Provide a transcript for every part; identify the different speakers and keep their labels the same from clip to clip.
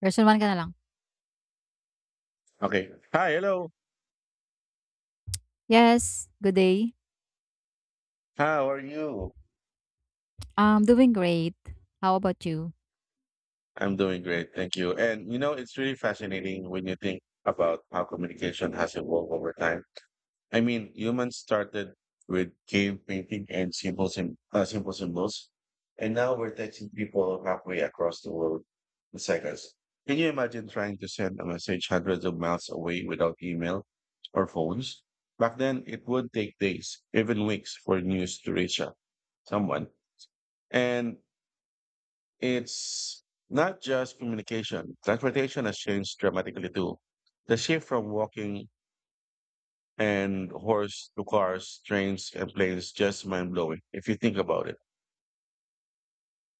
Speaker 1: Version 1 ka na lang.
Speaker 2: Okay. Hi, hello.
Speaker 1: Yes, good day.
Speaker 2: How are you?
Speaker 1: I'm doing great. How about you?
Speaker 2: I'm doing great. Thank you. And you know, it's really fascinating when you think about how communication has evolved over time. I mean, humans started with cave painting and simple symbols, and now we're texting people halfway across the world in seconds. Can you imagine trying to send a message hundreds of miles away without email or phones? Back then, it would take days, even weeks, for news to reach out someone. And It's not just communication. Transportation has changed dramatically too. The shift from walking and horse to cars, trains, and planes just mind blowing if you think about it.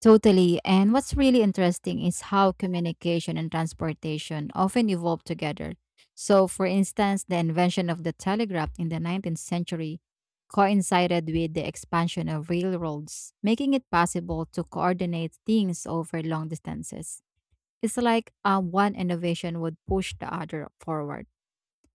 Speaker 1: Totally. And what's really interesting is how communication and transportation often evolve together. So, for instance, the invention of the telegraph in the 19th century coincided with the expansion of railroads, making it possible to coordinate things over long distances. It's like one innovation would push the other forward.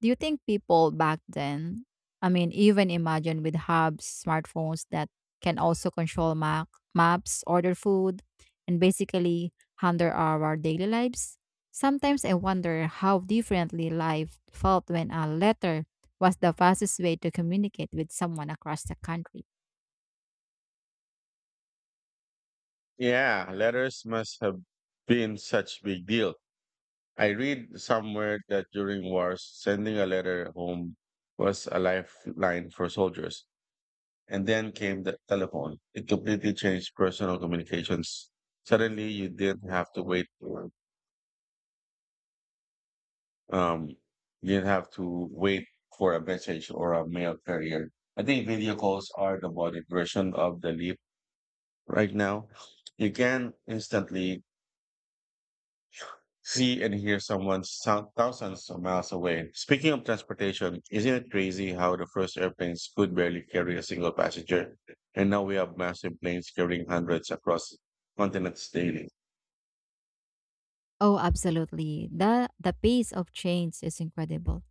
Speaker 1: Do you think people back then, I mean, even imagine with hubs, smartphones that can also control maps, order food, and basically handle our daily lives? Sometimes I wonder how differently life felt when a letter was the fastest way to communicate with someone across the country.
Speaker 2: Yeah, letters must have been such big deal. I read somewhere that during wars, sending a letter home was a lifeline for soldiers. And then came the telephone. It completely changed personal communications. Suddenly, you didn't have to wait um, you have to wait for a message or a mail carrier. I think video calls are the modern version of the leap right now. You can instantly see and hear someone thousands of miles away. Speaking of transportation, isn't it crazy how the first airplanes could barely carry a single passenger? And now we have massive planes carrying hundreds across continents daily.
Speaker 1: Oh, absolutely. The pace of change is incredible.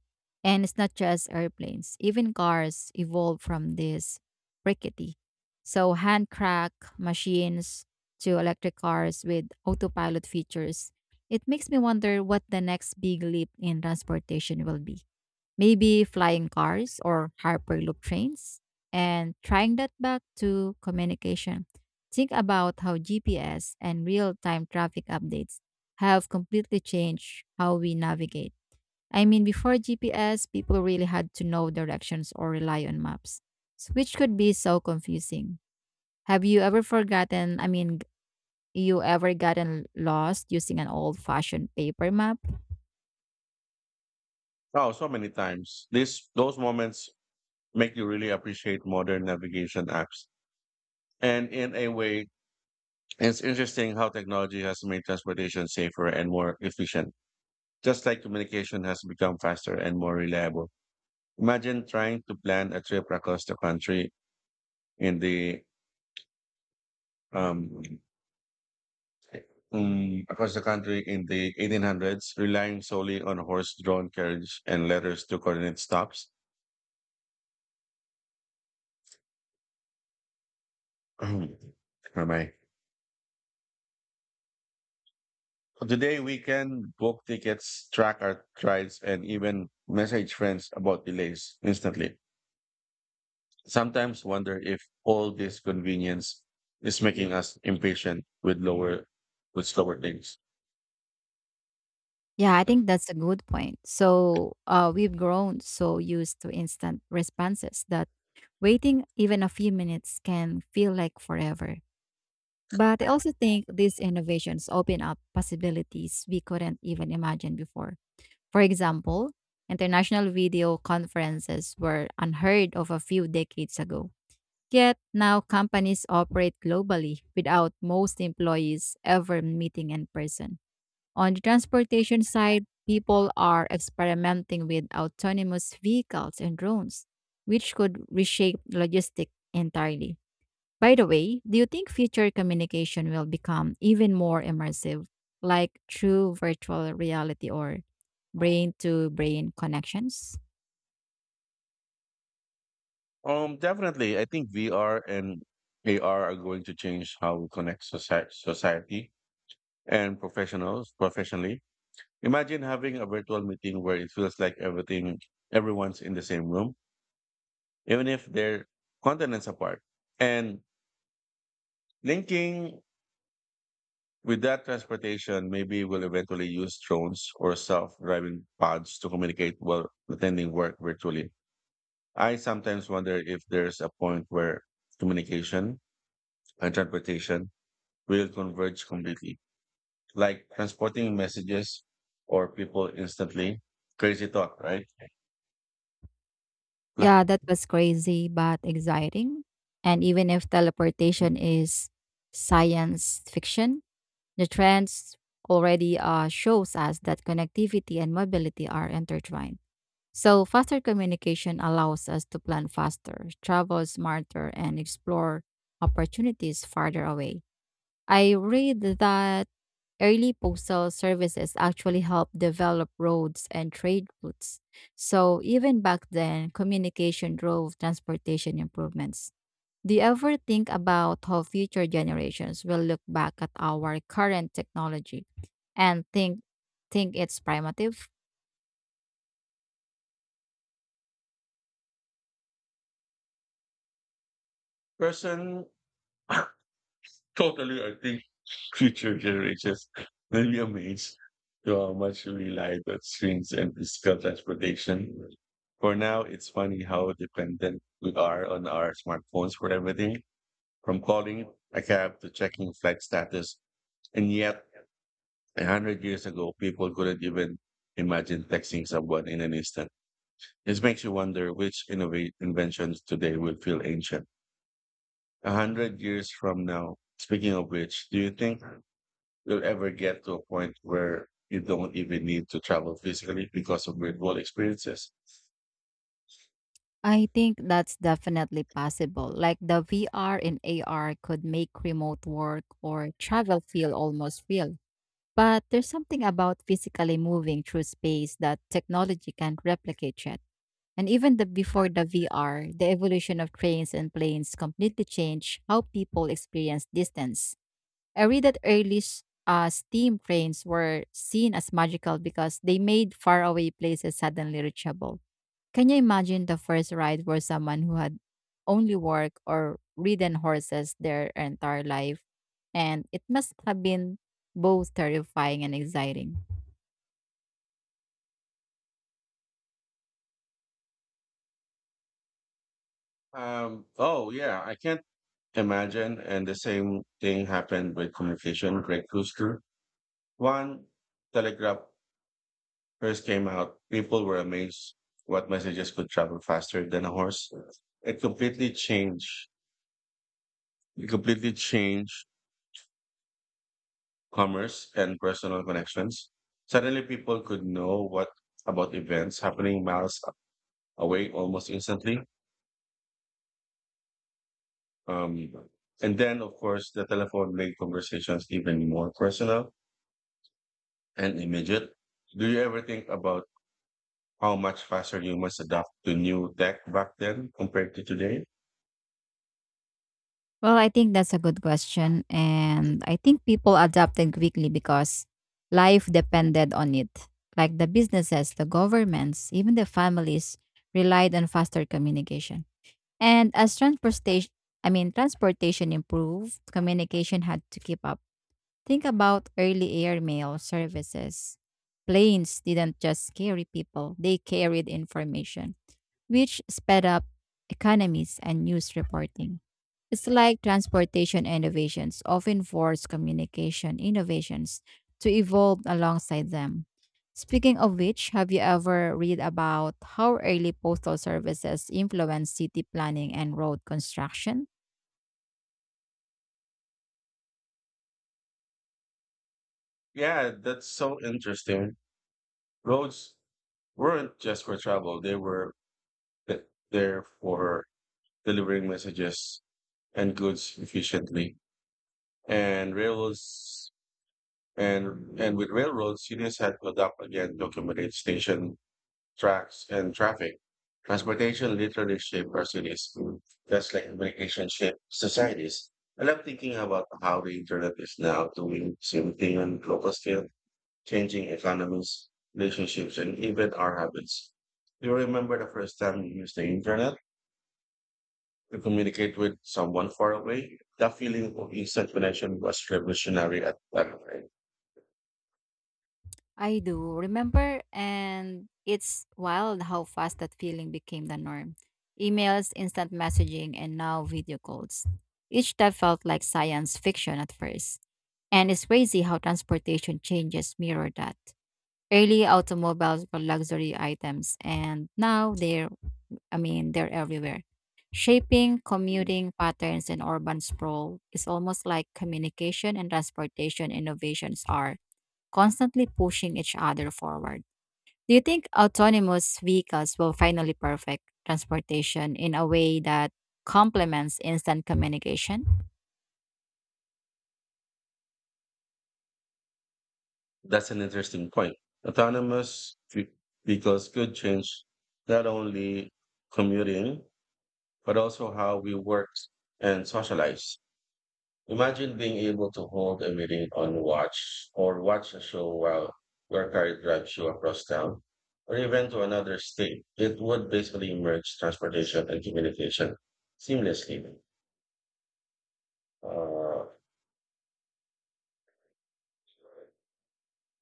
Speaker 1: And it's not just airplanes. Even cars evolved from this rickety. So hand crack machines to electric cars with autopilot features. It makes me wonder what the next big leap in transportation will be, maybe flying cars or hyperloop trains, and trying that back to communication. Think about how GPS and real-time traffic updates have completely changed how we navigate. I mean, before GPS, people really had to know directions or rely on maps, which could be so confusing. Have you ever forgotten I mean g- you ever gotten lost using an old-fashioned paper map?
Speaker 2: Oh, so many times. These those moments make you really appreciate modern navigation apps. And in a way, it's interesting how technology has made transportation safer and more efficient, just like communication has become faster and more reliable. Imagine trying to plan a trip across the country in the um, across the country in the 1800s, relying solely on horse drawn carriage and letters to coordinate stops. Where Am I? Today, we can book tickets, track our rides, and even message friends about delays instantly. Sometimes wonder if all this convenience is making us impatient with slower things.
Speaker 1: Yeah, I think that's a good point. So we've grown so used to instant responses that waiting even a few minutes can feel like forever. But I also think these innovations open up possibilities we couldn't even imagine before. For example, international video conferences were unheard of a few decades ago. Yet now companies operate globally without most employees ever meeting in person. On the transportation side, people are experimenting with autonomous vehicles and drones, which could reshape logistics entirely. By the way, do you think future communication will become even more immersive, like through virtual reality or brain to brain connections?
Speaker 2: Definitely, I think VR and AR are going to change how we connect society. Society and professionals professionally. Imagine having a virtual meeting where it feels like everything everyone's in the same room, even if they're continents apart. And linking with that transportation, maybe we'll eventually use drones or self-driving pods to communicate while attending work virtually. I sometimes wonder if there's a point where communication and transportation will converge completely, like transporting messages or people instantly. Crazy thought, right? Lah.
Speaker 1: Yeah, that was crazy but exciting. And even if teleportation is science fiction, the trends already shows us that connectivity and mobility are intertwined. So faster communication allows us to plan faster, travel smarter, and explore opportunities farther away. I read that early postal services actually helped develop roads and trade routes. So even back then, communication drove transportation improvements. Do you ever think about how future generations will look back at our current technology and think it's primitive?
Speaker 2: Person, totally, I think future generations will be amazed to how much we rely on screens and physical transportation. For now, it's funny how dependent we are on our smartphones for everything, from calling a cab to checking flight status. And yet, 100 years ago, people couldn't even imagine texting someone in an instant. This makes you wonder which innovate inventions today will feel ancient. 100 years from now, speaking of which, do you think you'll ever get to a point where you don't even need to travel physically because of virtual experiences?
Speaker 1: I think that's definitely possible. Like the VR and AR could make remote work or travel feel almost real. But there's something about physically moving through space that technology can't replicate yet. And even the before the VR, the evolution of trains and planes completely changed how people experience distance. I read that early steam trains were seen as magical because they made faraway places suddenly reachable. Can you imagine the first ride for someone who had only worked or ridden horses their entire life? And it must have been both terrifying and exciting.
Speaker 2: Oh yeah, I can't imagine. And the same thing happened with communication breakthroughs too. One telegraph first came out, people were amazed what messages could travel faster than a horse. It completely changed, it completely changed commerce and personal connections. Suddenly, people could know what about events happening miles away almost instantly. Um, and then, of course, the telephone made conversations even more personal and immediate. Do you ever think about how much faster you must adapt to new tech back then compared to today?
Speaker 1: Well, I think that's a good question. And I think people adapted quickly because life depended on it. Like the businesses, the governments, even the families relied on faster communication. And as transportation improved, communication had to keep up. Think about early air mail services. Planes didn't just carry people, they carried information, which sped up economies and news reporting. It's like transportation innovations often force communication innovations to evolve alongside them. Speaking of which, have you ever read about how early postal services influenced city planning and road construction?
Speaker 2: Yeah, that's so interesting. Roads weren't just for travel, they were th- there for delivering messages and goods efficiently. And rails and with railroads, cities had to adapt again to accommodate station tracks and traffic. Transportation literally shaped our cities, just like communication shaped societies. I love thinking about how the internet is now doing the same thing on global scale, changing economies, relationships, and even our habits. Do you remember the first time you used the internet to communicate with someone far away? That feeling of instant connection was revolutionary at that time.
Speaker 1: I do remember, and it's wild how fast that feeling became the norm. Emails, instant messaging, and now video calls. Each type felt like science fiction at first. And it's crazy how transportation changes mirror that. Early automobiles were luxury items and now they're I mean they're everywhere. Shaping commuting patterns in urban sprawl is almost like communication and transportation innovations are constantly pushing each other forward. Do you think autonomous vehicles will finally perfect transportation in a way that complements instant communication?
Speaker 2: That's an interesting point. Autonomous ve- vehicles could change not only commuting, but also how we work and socialize. Imagine being able to hold a meeting on watch or watch a show while your car drives you across town or even to another state. It would basically merge transportation and communication seamlessly. Uh,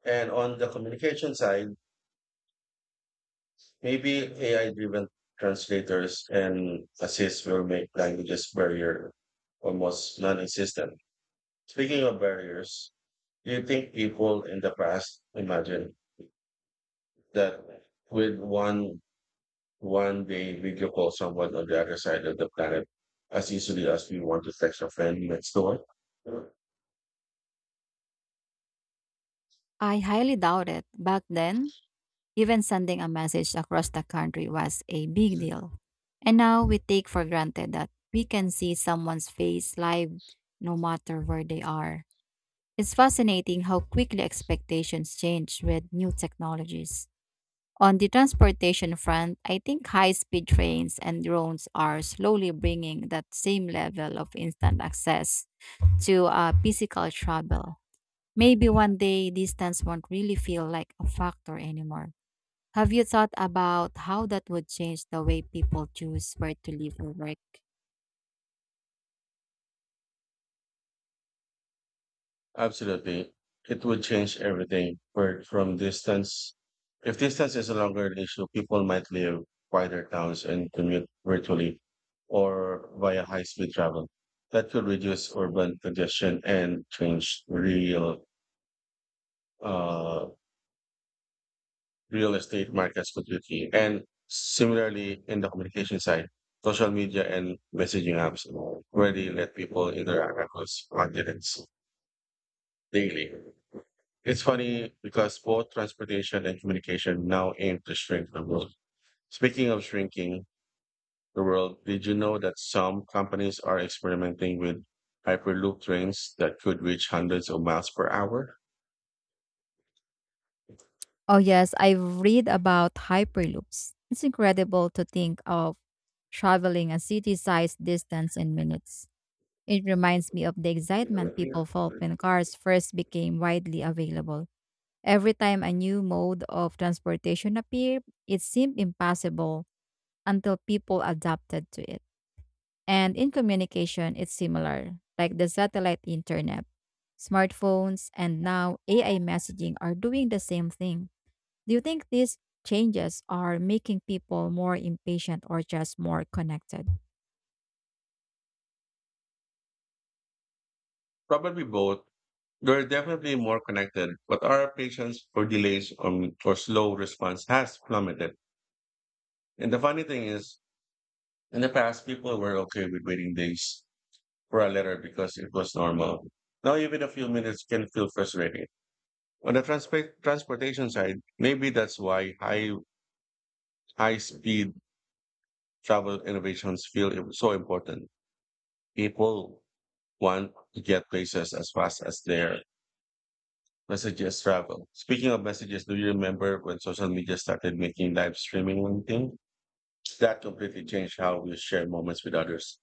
Speaker 2: and on the communication side, maybe AI driven translators and assists will make languages barrier almost non existent. Speaking of barriers, do you think people in the past imagined that with one day video call someone on the other side of the planet as easily as we want to text a friend next door.
Speaker 1: I highly doubt it. Back then, even sending a message across the country was a big deal. And now we take for granted that we can see someone's face live no matter where they are. It's fascinating how quickly expectations change with new technologies. On the transportation front, I think high speed trains and drones are slowly bringing that same level of instant access to physical travel. Maybe one day distance won't really feel like a factor anymore. Have you thought about how that would change the way people choose where to live or work?
Speaker 2: Absolutely. It would change everything. But from distance, if distance is no longer an issue, people might live quieter towns and commute virtually or via high speed travel. That could reduce urban congestion and change uh, real estate markets completely. And similarly, in the communication side, social media and messaging apps already let people interact across continents daily. It's funny because both transportation and communication now aim to shrink the world. Speaking of shrinking the world, did you know that some companies are experimenting with hyperloop trains that could reach hundreds of miles per hour?
Speaker 1: Oh, yes, I've read about hyperloops. It's incredible to think of traveling a city sized distance in minutes. It reminds me of the excitement people felt when cars first became widely available. Every time a new mode of transportation appeared, it seemed impossible until people adapted to it. And in communication, it's similar, like the satellite internet. Smartphones and now AI messaging are doing the same thing. Do you think these changes are making people more impatient or just more connected?
Speaker 2: Probably both. They're definitely more connected, but our patience for delays or slow response has plummeted. And the funny thing is, in the past, people were okay with waiting days for a letter because it was normal. Now, even a few minutes can feel frustrating. On the transportation side, maybe that's why high speed travel innovations feel so important. People want to get places as fast as their messages travel. Speaking of messages, do you remember when social media started making live streaming one thing? That completely changed how we share moments with others.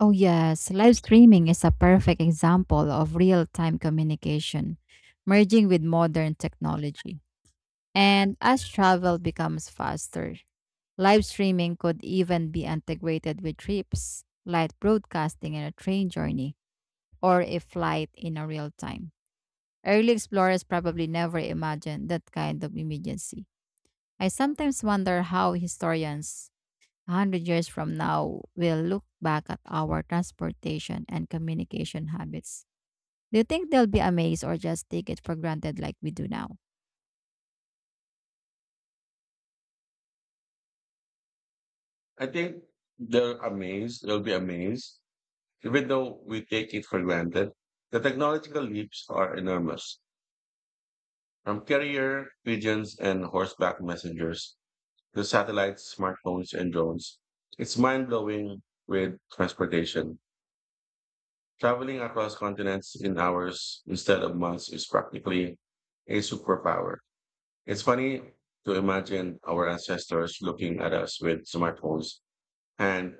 Speaker 1: Oh, yes. Live streaming is a perfect example of real time communication merging with modern technology. And as travel becomes faster, live streaming could even be integrated with trips, like broadcasting, in a train journey or a flight in a real time. Early explorers probably never imagined that kind of immediacy. I sometimes wonder how historians a 100 years from now will look back at our transportation and communication habits. Do you think they'll be amazed or just take it for granted like we do now?
Speaker 2: I think they'll be amazed, even though we take it for granted. The technological leaps are enormous. From carrier pigeons and horseback messengers to satellites, smartphones, and drones. It's mind blowing with transportation. Traveling across continents in hours instead of months is practically a superpower. It's funny to imagine our ancestors looking at us with smartphones and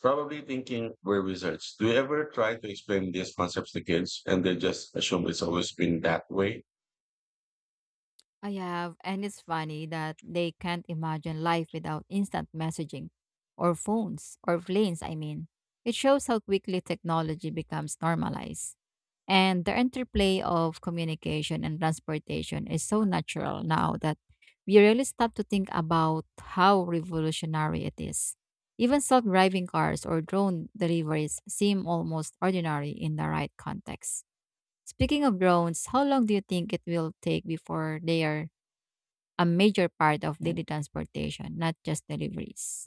Speaker 2: probably thinking we're wizards. Do you ever try to explain these concepts to kids and they just assume it's always been that way?
Speaker 1: I have, and it's funny that they can't imagine life without instant messaging or phones or planes, I mean. It shows how quickly technology becomes normalized. And the interplay of communication and transportation is so natural now that we really stop to think about how revolutionary it is. Even self driving cars or drone deliveries seem almost ordinary in the right context. Speaking of drones, how long do you think it will take before they are a major part of daily transportation, not just deliveries?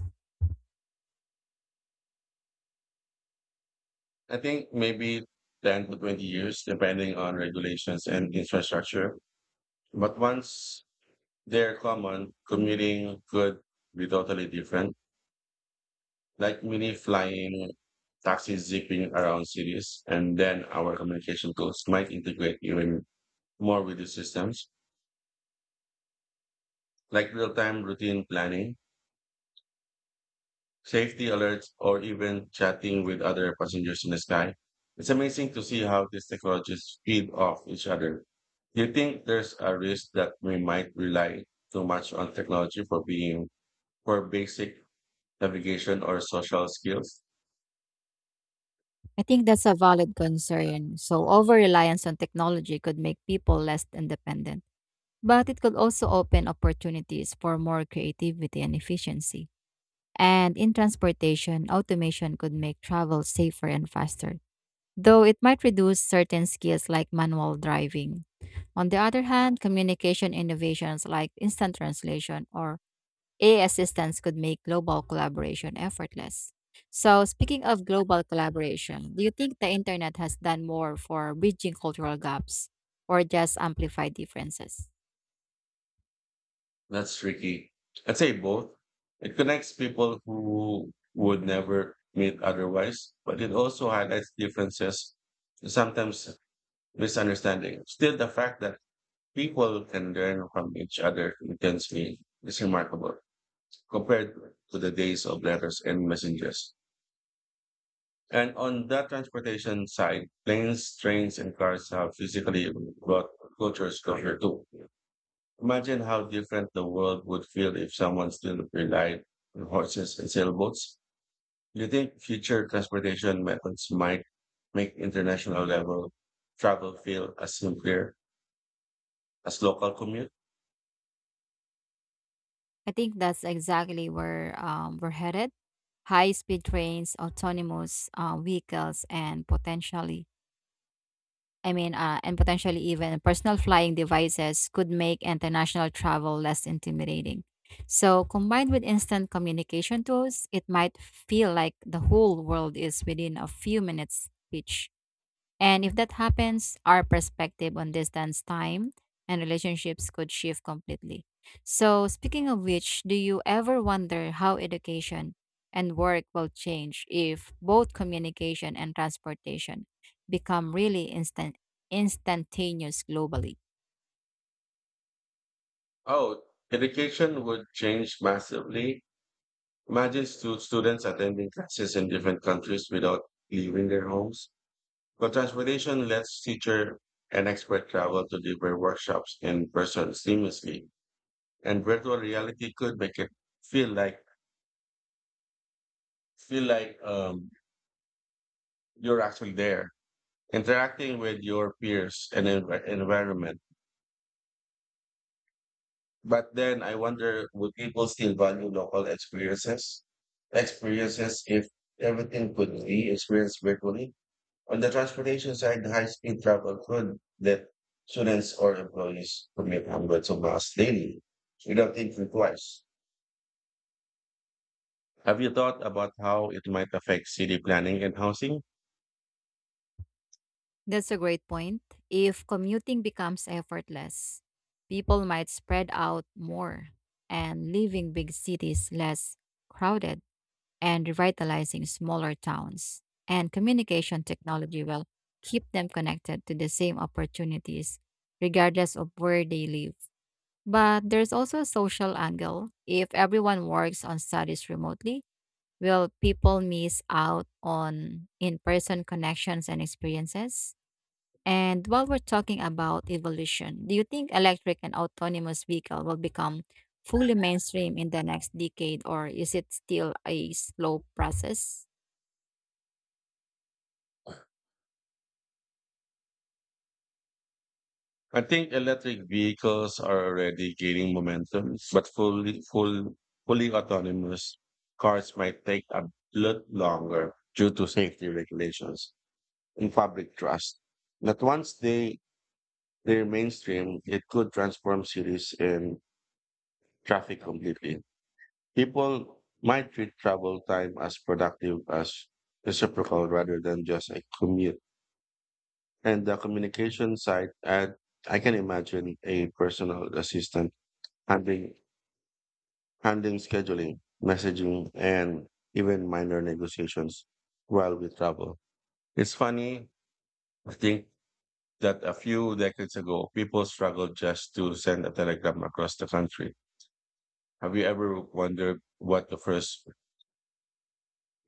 Speaker 2: I think maybe 10 to 20 years, depending on regulations and infrastructure. But once they're common, commuting could be totally different. Like mini flying taxis zipping around cities, and then our communication tools might integrate even more with the systems, like real-time routine planning, safety alerts, or even chatting with other passengers in the sky. It's amazing to see how these technologies feed off each other. Do you think there's a risk that we might rely too much on technology for being for basic navigation or social skills?
Speaker 1: I think that's a valid concern. So, over reliance on technology could make people less independent, but it could also open opportunities for more creativity and efficiency. And in transportation, automation could make travel safer and faster, though it might reduce certain skills like manual driving. On the other hand, communication innovations like instant translation or AI assistance could make global collaboration effortless. So, speaking of global collaboration, do you think the internet has done more for bridging cultural gaps or just amplified differences?
Speaker 2: That's tricky. I'd say both. It connects people who would never meet otherwise, but it also highlights differences and sometimes misunderstanding. Still, the fact that people can learn from each other intensely is remarkable compared to the days of letters and messengers. And on that transportation side, planes, trains, and cars have physically brought cultures closer too. Imagine how different the world would feel if someone still relied on horses and sailboats. Do you think future transportation methods might make international level travel feel as simpler as local commute?
Speaker 1: I think that's exactly where we're headed. High speed trains, autonomous vehicles, and potentially even personal flying devices could make international travel less intimidating. So, combined with instant communication tools, it might feel like the whole world is within a few minutes' reach. And if that happens, our perspective on distance, time, and relationships could shift completely. So, speaking of which, do you ever wonder how education and work will change if both communication and transportation become really instantaneous globally?
Speaker 2: Oh, education would change massively. Imagine students attending classes in different countries without leaving their homes. But transportation lets teacher and expert travel to deliver workshops in person seamlessly. And virtual reality could make it feel like feel like you're actually there interacting with your peers and environment. But then I wonder, would people still value local experiences experiences if everything could be experienced virtually. On the transportation side, high speed travel could let students or employees commute hundreds of miles daily without thinking twice. Have you thought about how it might affect city planning and housing?
Speaker 1: That's a great point. If commuting becomes effortless, people might spread out more and leaving big cities less crowded, and revitalizing smaller towns. And communication technology will keep them connected to the same opportunities, regardless of where they live. But there's also a social angle. If everyone works on studies remotely, will people miss out on in person connections and experiences? And while we're talking about evolution, do you think electric and autonomous vehicle will become fully mainstream in the next decade, or is it still a slow process?
Speaker 2: I think electric vehicles are already gaining momentum, but fully autonomous cars might take a lot longer due to safety regulations and public trust. But once they're mainstream, it could transform cities and traffic completely. People might treat travel time as productive as reciprocal rather than just a commute. And the communication side, I can imagine a personal assistant handling, handling scheduling, messaging, and even minor negotiations while we travel. It's funny to think that a few decades ago, people struggled just to send a telegram across the country. Have you ever wondered what the first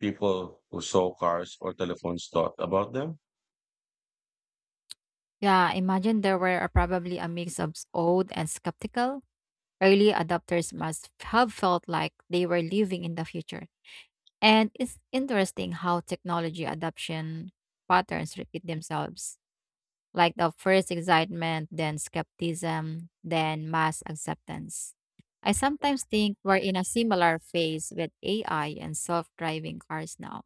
Speaker 2: people who saw cars or telephones thought about them?
Speaker 1: Yeah, imagine there were probably a mix of old and skeptical. Early adopters must have felt like they were living in the future. And it's interesting how technology adoption patterns repeat themselves, like the first excitement, then skepticism, then mass acceptance. I sometimes think we're in a similar phase with AI and self-driving cars now.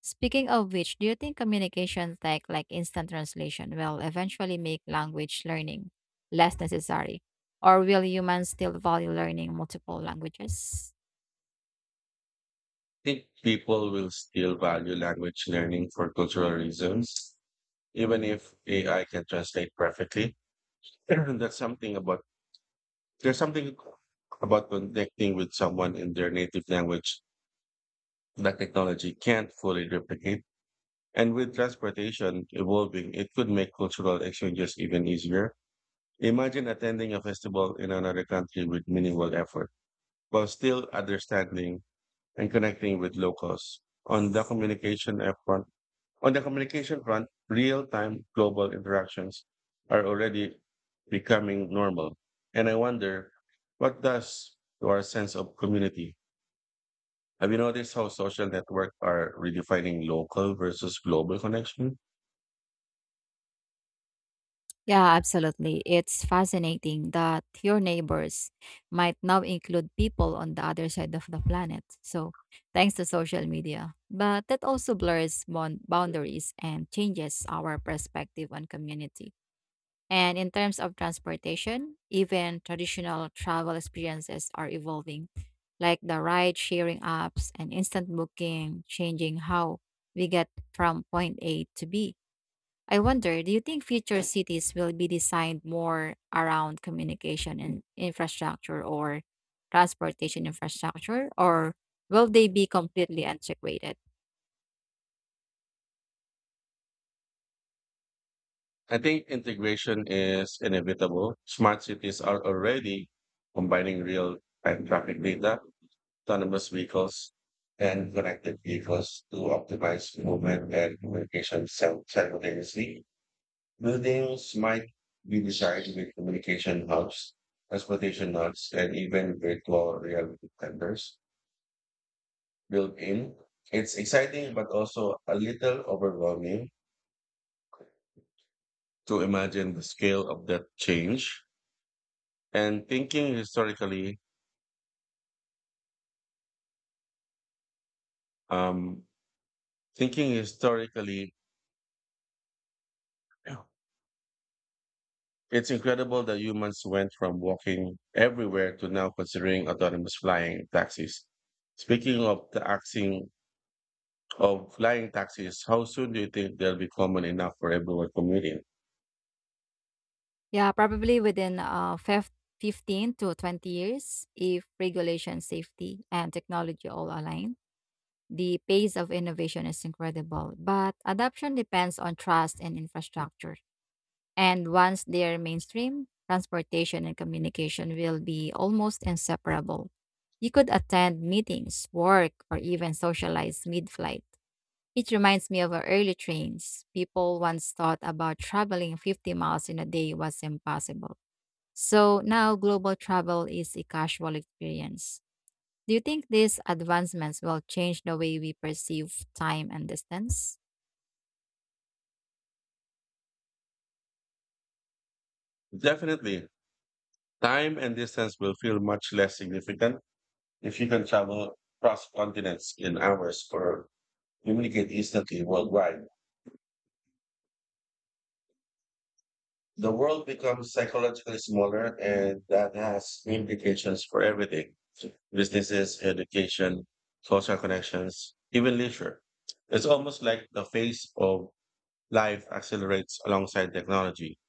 Speaker 1: Speaking of which, do you think communication tech like instant translation will eventually make language learning less necessary? Or will humans still value learning multiple languages?
Speaker 2: Think people will still value language learning for cultural reasons, even if AI can translate perfectly. That's something about There's something about connecting with someone in their native language that technology can't fully replicate. And with transportation evolving, it could make cultural exchanges even easier. Imagine attending a festival in another country with minimal effort, while still understanding and connecting with locals. On the communication effort, On the communication front, real time global interactions are already becoming normal. And I wonder what does to our sense of community? Have you noticed how social networks are redefining local versus global connection?
Speaker 1: Yeah, absolutely. It's fascinating that your neighbors might now include people on the other side of the planet. So, thanks to social media. But that also blurs boundaries and changes our perspective on community. And in terms of transportation, even traditional travel experiences are evolving, like the ride sharing apps and instant booking, changing how we get from point A to B. I wonder, do you think future cities will be designed more around communication and infrastructure or transportation infrastructure, or will they be completely integrated?
Speaker 2: I think integration is inevitable. Smart cities are already combining real time traffic data, autonomous vehicles, and connected vehicles to optimize movement and communication simultaneously. Buildings might be designed with communication hubs, transportation hubs, and even virtual reality centers built in. It's exciting, but also a little overwhelming to imagine the scale of that change. And thinking historically, um, Thinking historically, it's incredible that humans went from walking everywhere to now considering autonomous flying taxis. Speaking of flying taxis, how soon do you think they'll be common enough for everyone commuting?
Speaker 1: Yeah, probably within 15 to 20 years, if regulation, safety, and technology all align. The pace of innovation is incredible, but adoption depends on trust and infrastructure. And once they're mainstream, transportation and communication will be almost inseparable. You could attend meetings, work, or even socialize mid flight. It reminds me of our early trains. People once thought about traveling 50 miles in a day was impossible. So now global travel is a casual experience. Do you think these advancements will change the way we perceive time and distance?
Speaker 2: Definitely, time and distance will feel much less significant if you can travel across continents in hours or communicate instantly worldwide. The world becomes psychologically smaller, and that has implications for everything. Businesses, education, social connections, even leisure. It's almost like the face of life accelerates alongside technology.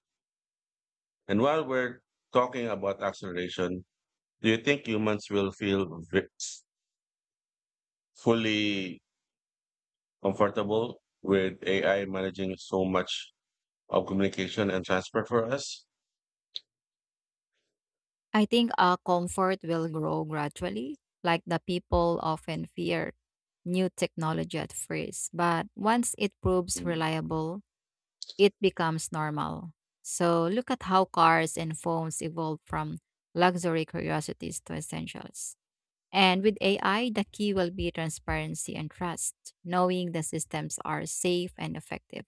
Speaker 2: And while we're talking about acceleration, do you think humans will feel v- fully comfortable with AI managing so much of communication and transfer for us?
Speaker 1: I think comfort will grow gradually, like the people often fear new technology at first. But once it proves
Speaker 2: Mm.
Speaker 1: reliable, it becomes normal. So look at how cars and phones evolved from luxury curiosities to essentials. And with AI, the key will be transparency and trust, knowing the systems are safe and effective.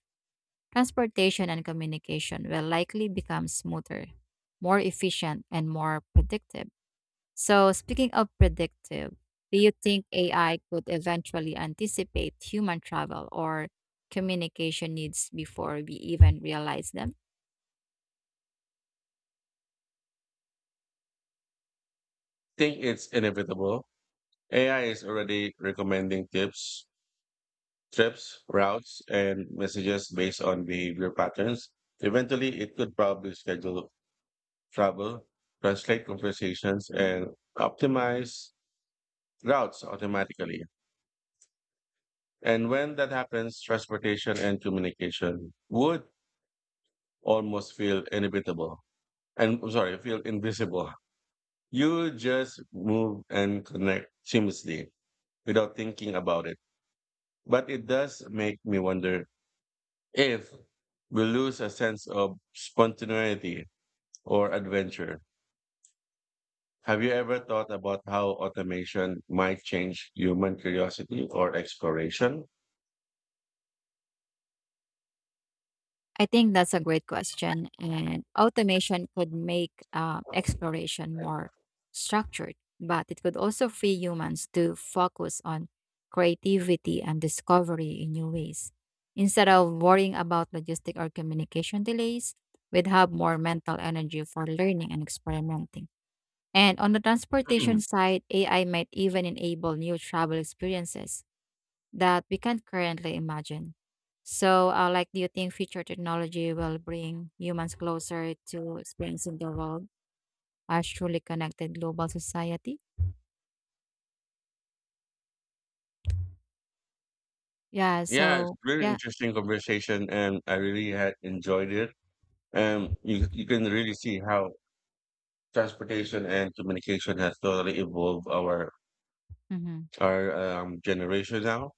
Speaker 1: Transportation and communication will likely become smoother, more efficient, and more predictive. So, speaking of predictive, do you think AI could eventually anticipate human travel or communication needs before we even realize them?
Speaker 2: Think it's inevitable. AI is already recommending trips, routes, and messages based on behavior patterns. Eventually, it could probably schedule travel, translate conversations, and optimize routes automatically. And when that happens, transportation and communication would almost feel inevitable. And I'm sorry, feel invisible. You just move and connect seamlessly without thinking about it. But it does make me wonder if we lose a sense of spontaneity or adventure. Have you ever thought about how automation might change human curiosity or exploration?
Speaker 1: I think that's a great question. And automation could make exploration more structured, but it could also free humans to focus on creativity and discovery in new ways. Instead of worrying about logistic or communication delays, we'd have more mental energy for learning and experimenting. And on the transportation side, AI might even enable new travel experiences that we can't currently imagine. So, do you think future technology will bring humans closer to experiencing the world as truly connected global society? Yeah.
Speaker 2: Yeah, it's
Speaker 1: So,
Speaker 2: really
Speaker 1: yeah.
Speaker 2: interesting conversation, and I really had enjoyed it. And you can really see how transportation and communication has totally evolved our
Speaker 1: Mm-hmm.
Speaker 2: our generation now.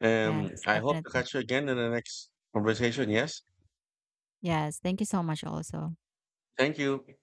Speaker 2: And
Speaker 1: Yes,
Speaker 2: I hope to
Speaker 1: definitely.
Speaker 2: catch you again in the next conversation. Yes,
Speaker 1: Yes. Thank you so much, also.
Speaker 2: thank you.